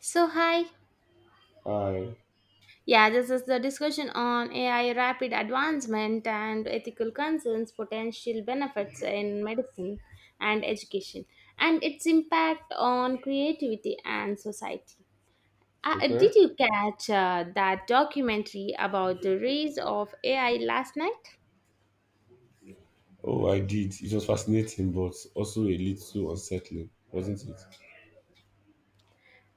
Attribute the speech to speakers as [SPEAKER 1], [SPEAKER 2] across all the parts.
[SPEAKER 1] So, hi.
[SPEAKER 2] I
[SPEAKER 1] Yeah, this is the discussion on AI rapid advancement and ethical concerns, potential benefits in medicine and education, and its impact on creativity and society. Uh,
[SPEAKER 2] Okay.
[SPEAKER 1] did you catch that documentary about the rise of AI last night?
[SPEAKER 2] Oh, I did. It was fascinating, but also a little unsettling, wasn't it?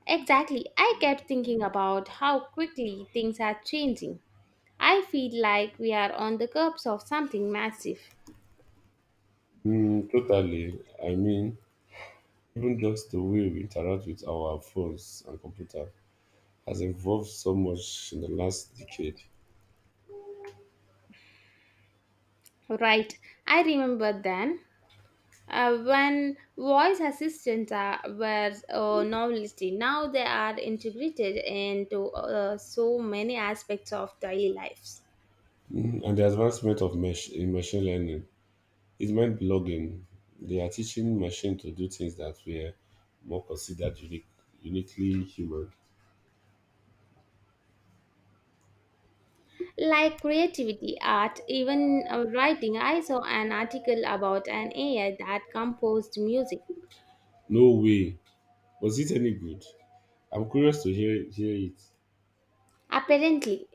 [SPEAKER 1] Exactly. I kept thinking about how quickly things are changing. I feel like we are on the cusp of something massive.
[SPEAKER 2] Hmm, totally. I mean, even just the way we interact with our phones and computer has evolved so much in the last decade.
[SPEAKER 1] Right. I remember then when voice assistants were a novelty, now they are integrated into so many aspects of daily lives,
[SPEAKER 2] And the advancement of in machine learning is mind blogging. They are teaching machine to do things that were more considered uniquely human.
[SPEAKER 1] like creativity, art, even writing. I saw an article about an AI that composed music.
[SPEAKER 2] No way. Was it any good? I'm curious to hear it.
[SPEAKER 1] Apparently,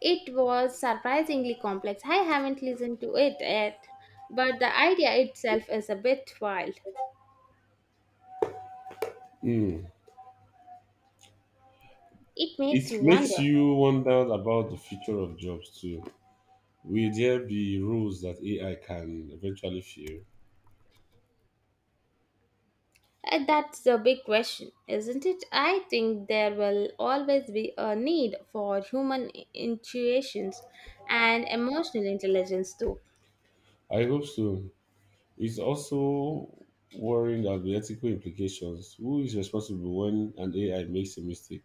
[SPEAKER 1] it was surprisingly complex. I haven't listened to it yet, but the idea itself is a bit wild.
[SPEAKER 2] Hmm.
[SPEAKER 1] It makes you
[SPEAKER 2] It makes
[SPEAKER 1] wonder.
[SPEAKER 2] you wonder about the future of jobs too. Will there be roles that AI can eventually fill?
[SPEAKER 1] That's the big question, isn't it? I think there will always be a need for human intuitions and emotional intelligence, too.
[SPEAKER 2] I hope so. It's also worrying about the ethical implications. Who is responsible when an AI makes a mistake?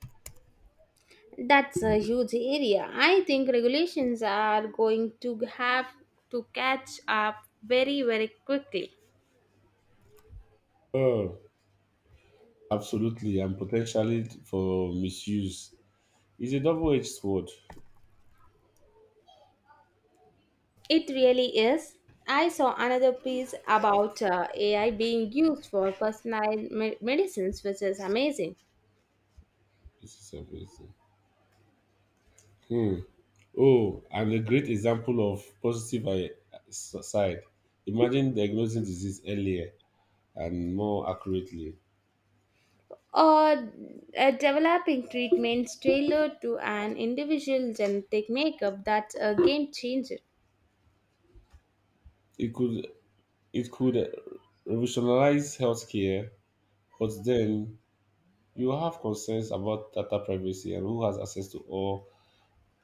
[SPEAKER 1] That's a huge area. I think regulations are going to have to catch up very, very quickly.
[SPEAKER 2] Oh, absolutely, and potentially for misuse. It's a double-edged sword.
[SPEAKER 1] It really is. I saw another piece about AI being used for personalized medicines, which is amazing.
[SPEAKER 2] This is amazing. Hmm. Oh, and a great example of positive side. Imagine diagnosing disease earlier and more accurately.
[SPEAKER 1] Or developing treatments tailored to an individual genetic makeup. That's a game changer.
[SPEAKER 2] It could it could revolutionize healthcare, but then you have concerns about data privacy and who has access to all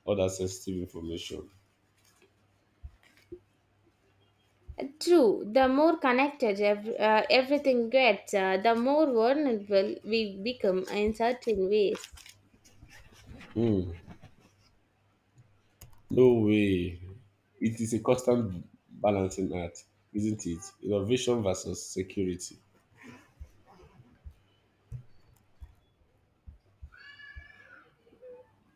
[SPEAKER 2] other sensitive information.
[SPEAKER 1] True, the more connected everything gets, the more vulnerable we become in certain ways.
[SPEAKER 2] Hmm. No way. It is a constant balancing act, isn't it? Innovation versus security.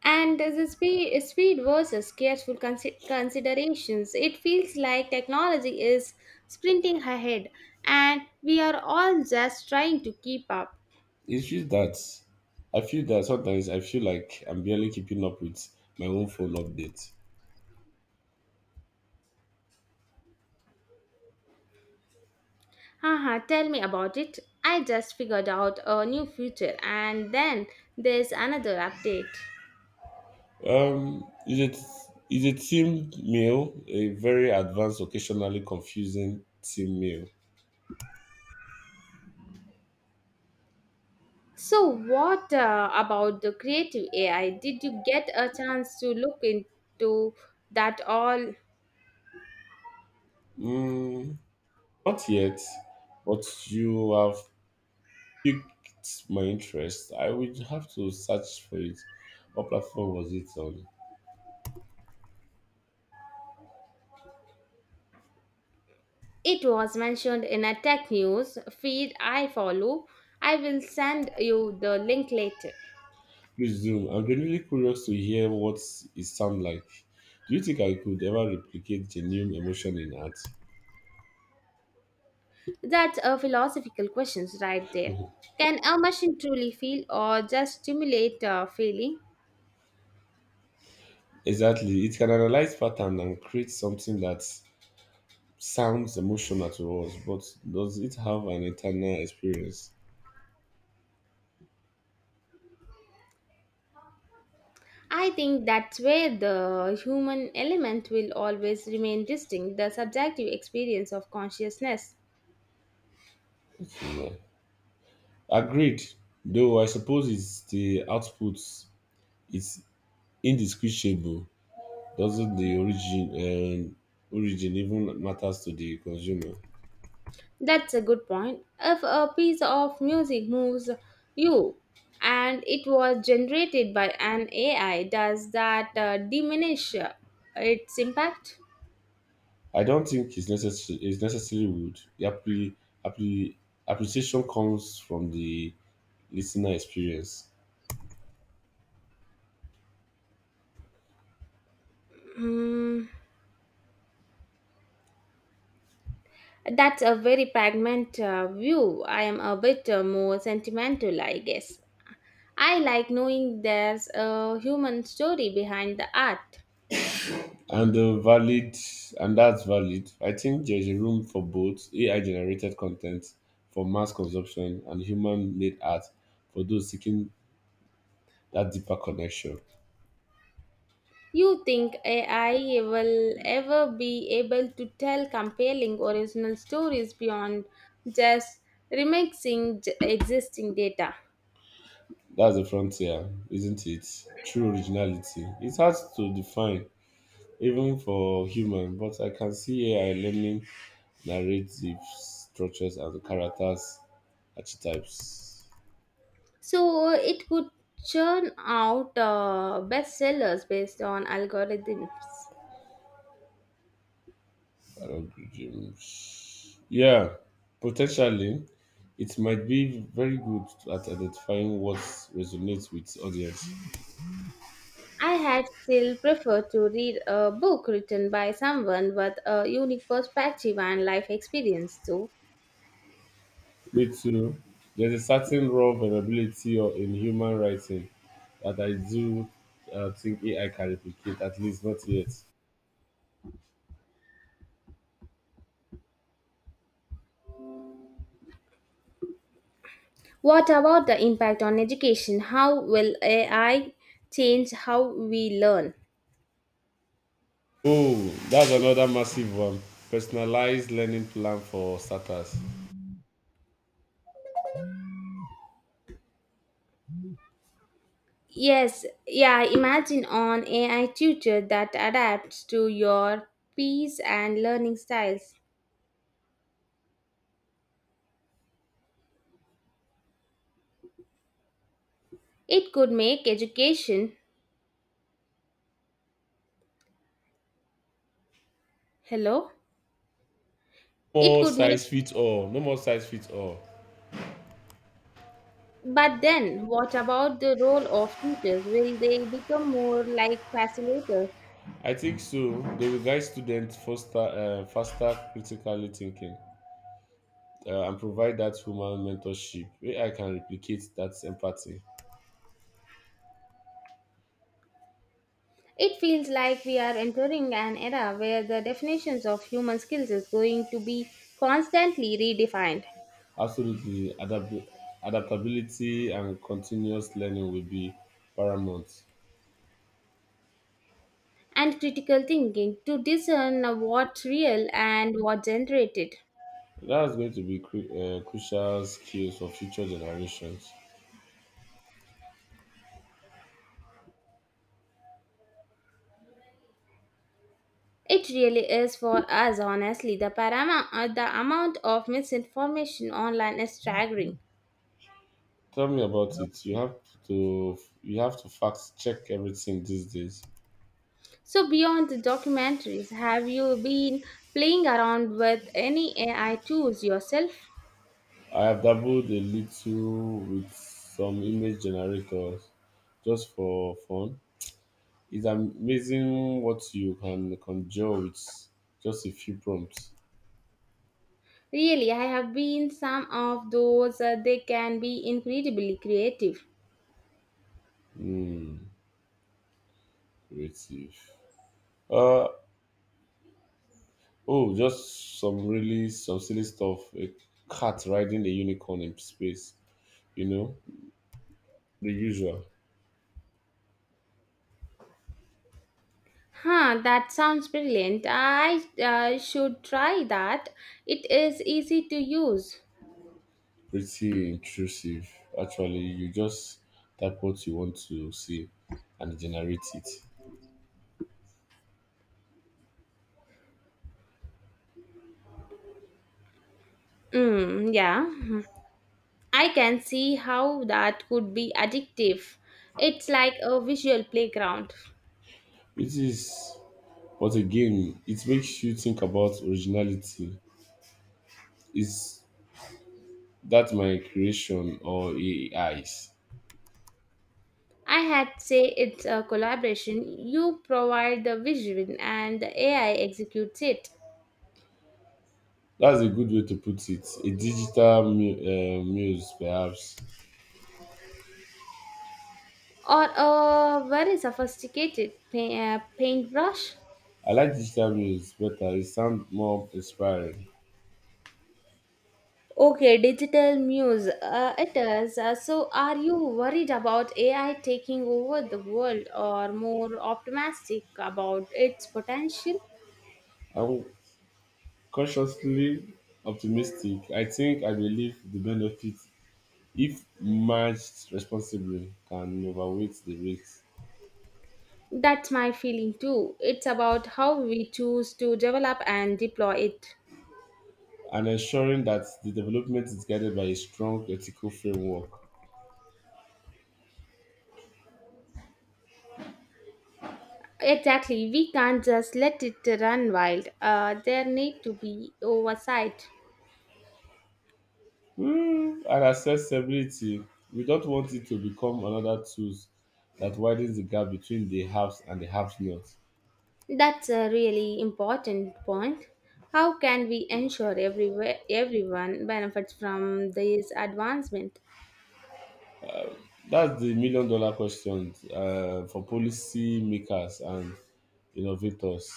[SPEAKER 1] And the speed versus careful considerations, it feels like technology is sprinting ahead and we are all just trying to keep up.
[SPEAKER 2] It's just that I feel that sometimes I feel like I'm barely keeping up with my own phone updates.
[SPEAKER 1] Haha, tell me about it. I just figured out a new feature and then there's another update.
[SPEAKER 2] Um, is it is a team meal a very advanced, occasionally confusing team meal?
[SPEAKER 1] So, what about the creative AI? Did you get a chance to look into that all?
[SPEAKER 2] Mm, Not yet, but you have piqued my interest. I would have to search for it. What platform was it on?
[SPEAKER 1] It was mentioned in a tech news feed I follow. I will send you the link later.
[SPEAKER 2] Please do. I'm genuinely curious to hear what it sounds like. Do you think I could ever replicate genuine emotion in art?
[SPEAKER 1] That's a philosophical question right there. Can a machine truly feel or just stimulate a feeling?
[SPEAKER 2] Exactly. It can analyze pattern and create something that sounds emotional to us, but does it have an internal experience?
[SPEAKER 1] I think that's where the human element will always remain distinct, the subjective experience of consciousness.
[SPEAKER 2] No. Agreed. Though I suppose it's the output is indistinguishable. Doesn't the um, origin even matters to the consumer?
[SPEAKER 1] That's a good point. If a piece of music moves you and it was generated by an AI, does that diminish its impact?
[SPEAKER 2] I don't think it's necessary. It's necessarily would the appre- appreciation comes from the listener experience.
[SPEAKER 1] Mm, that's a very pragmatic view. I am a bit more sentimental, I guess. I like knowing there's a human story behind the art.
[SPEAKER 2] And the valid, and that's valid. I think there's a room for both AI generated content for mass consumption and human made art for those seeking that deeper connection.
[SPEAKER 1] You think AI will ever be able to tell compelling original stories beyond just remixing existing data?
[SPEAKER 2] That's the frontier, isn't it? True originality. It's hard to define, even for human, but I can see AI learning narrative structures and characters archetypes.
[SPEAKER 1] So it could churn out bestsellers based on algorithms.
[SPEAKER 2] Hungry. Yeah, potentially, it might be very good at identifying what resonates with audience.
[SPEAKER 1] I had still preferred to read a book written by someone with a unique perspective and life experience, though.
[SPEAKER 2] Me too. There's a certain raw vulnerability or in human writing that I do think AI can replicate, at least not yet.
[SPEAKER 1] What about the impact on education? How will AI change how we learn?
[SPEAKER 2] Oh, that's another massive one. Personalized learning plan for starters.
[SPEAKER 1] Yes, yeah, imagine on AI tutor that adapts to your peers and learning styles. It could make education, hello?
[SPEAKER 2] No
[SPEAKER 1] It
[SPEAKER 2] more
[SPEAKER 1] could make,
[SPEAKER 2] size fits all. No more size fits all.
[SPEAKER 1] but then what about the role of teachers? Will they become more like facilitators?
[SPEAKER 2] I think so. They will guide students foster faster critically thinking and provide that human mentorship. Where I can replicate that empathy.
[SPEAKER 1] It feels like we are entering an era where the definitions of human skills is going to be constantly redefined,
[SPEAKER 2] Absolutely, adaptability and continuous learning will be paramount.
[SPEAKER 1] and critical thinking to discern what's real and what generated.
[SPEAKER 2] That's going to be crucial skills for future generations.
[SPEAKER 1] It really is for us, honestly. The amount of misinformation online is staggering.
[SPEAKER 2] Tell me about it. You have to fact check everything these days.
[SPEAKER 1] So, beyond the documentaries, have you been playing around with any AI tools yourself?
[SPEAKER 2] I have dabbled a little with some image generators just for fun. It's amazing what you can conjure with just a few prompts.
[SPEAKER 1] Really, I have been some of those. They can be incredibly creative.
[SPEAKER 2] Hmm, Creative. Uh oh, just some really some silly stuff. A cat riding a unicorn in space. You know, the usual.
[SPEAKER 1] Huh, that sounds brilliant. I should try that. It is easy to use.
[SPEAKER 2] Pretty intrusive. Actually, you just type what you want to see and generate it.
[SPEAKER 1] Mm, yeah. Hmm. I can see how that could be addictive. It's like a visual playground.
[SPEAKER 2] It is. But again, it makes you think about originality. Is that my creation or AI's?
[SPEAKER 1] I had say it's a collaboration. You provide the vision and the AI executes it.
[SPEAKER 2] That's a good way to put it. A digital muse, perhaps.
[SPEAKER 1] Or a very sophisticated paintbrush.
[SPEAKER 2] I like digital muse better. It sounds more inspiring.
[SPEAKER 1] Okay, digital muse. It is. So, are you worried about AI taking over the world or more optimistic about its potential?
[SPEAKER 2] I'm cautiously optimistic. I think I believe the benefit, if managed responsibly, can overweight the risks,
[SPEAKER 1] That's my feeling too. It's about how we choose to develop and deploy it.
[SPEAKER 2] and ensuring that the development is guided by a strong ethical framework.
[SPEAKER 1] Exactly. We can't just let it run wild. There need to be oversight.
[SPEAKER 2] And accessibility. We don't want it to become another tool that widens the gap between the haves and the have nots.
[SPEAKER 1] That's a really important point. How can we ensure everyone benefits from this advancement?
[SPEAKER 2] That's the million dollar question for policy makers and innovators.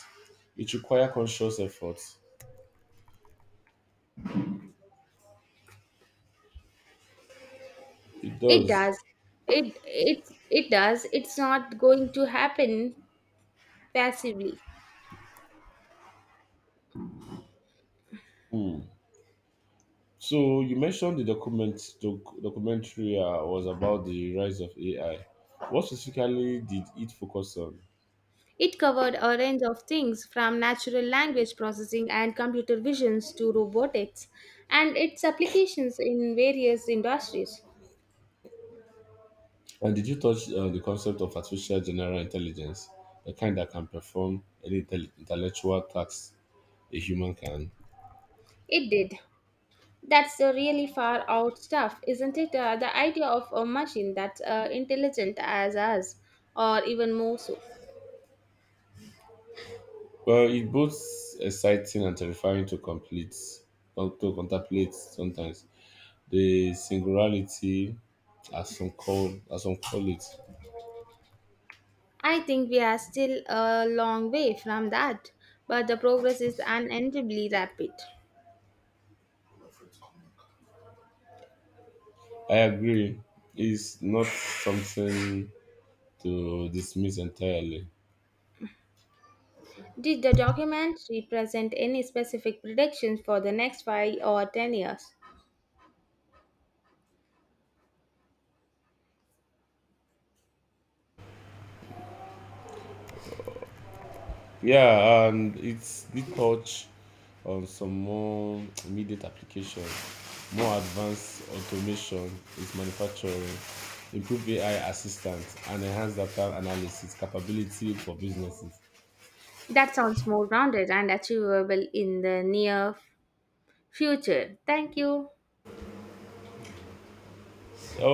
[SPEAKER 2] It requires conscious effort. It
[SPEAKER 1] It
[SPEAKER 2] does.
[SPEAKER 1] does. It does. It's not going to happen passively.
[SPEAKER 2] Hmm. So you mentioned the documentary was about the rise of AI. What specifically did it focus on?
[SPEAKER 1] It covered a range of things from natural language processing and computer visions to robotics and its applications in various industries.
[SPEAKER 2] And did you touch on the concept of artificial general intelligence, the kind that can perform any intellectual tasks a human can?
[SPEAKER 1] It did. That's the really far out stuff, isn't it? The idea of a machine that's intelligent as us, or even more so.
[SPEAKER 2] Well, it's both exciting and terrifying to contemplate sometimes. The singularity, as some call it,
[SPEAKER 1] I think we are still a long way from that, but the progress is unendably rapid.
[SPEAKER 2] I agree, is not something to dismiss entirely.
[SPEAKER 1] Did the documentary present any specific predictions for the next 5 or 10 years?
[SPEAKER 2] Yeah, and it's did touch on some more immediate application, more advanced automation is manufacturing, improved AI assistance, and enhanced data analysis capability for businesses.
[SPEAKER 1] That sounds more rounded and achievable in the near future. Thank you.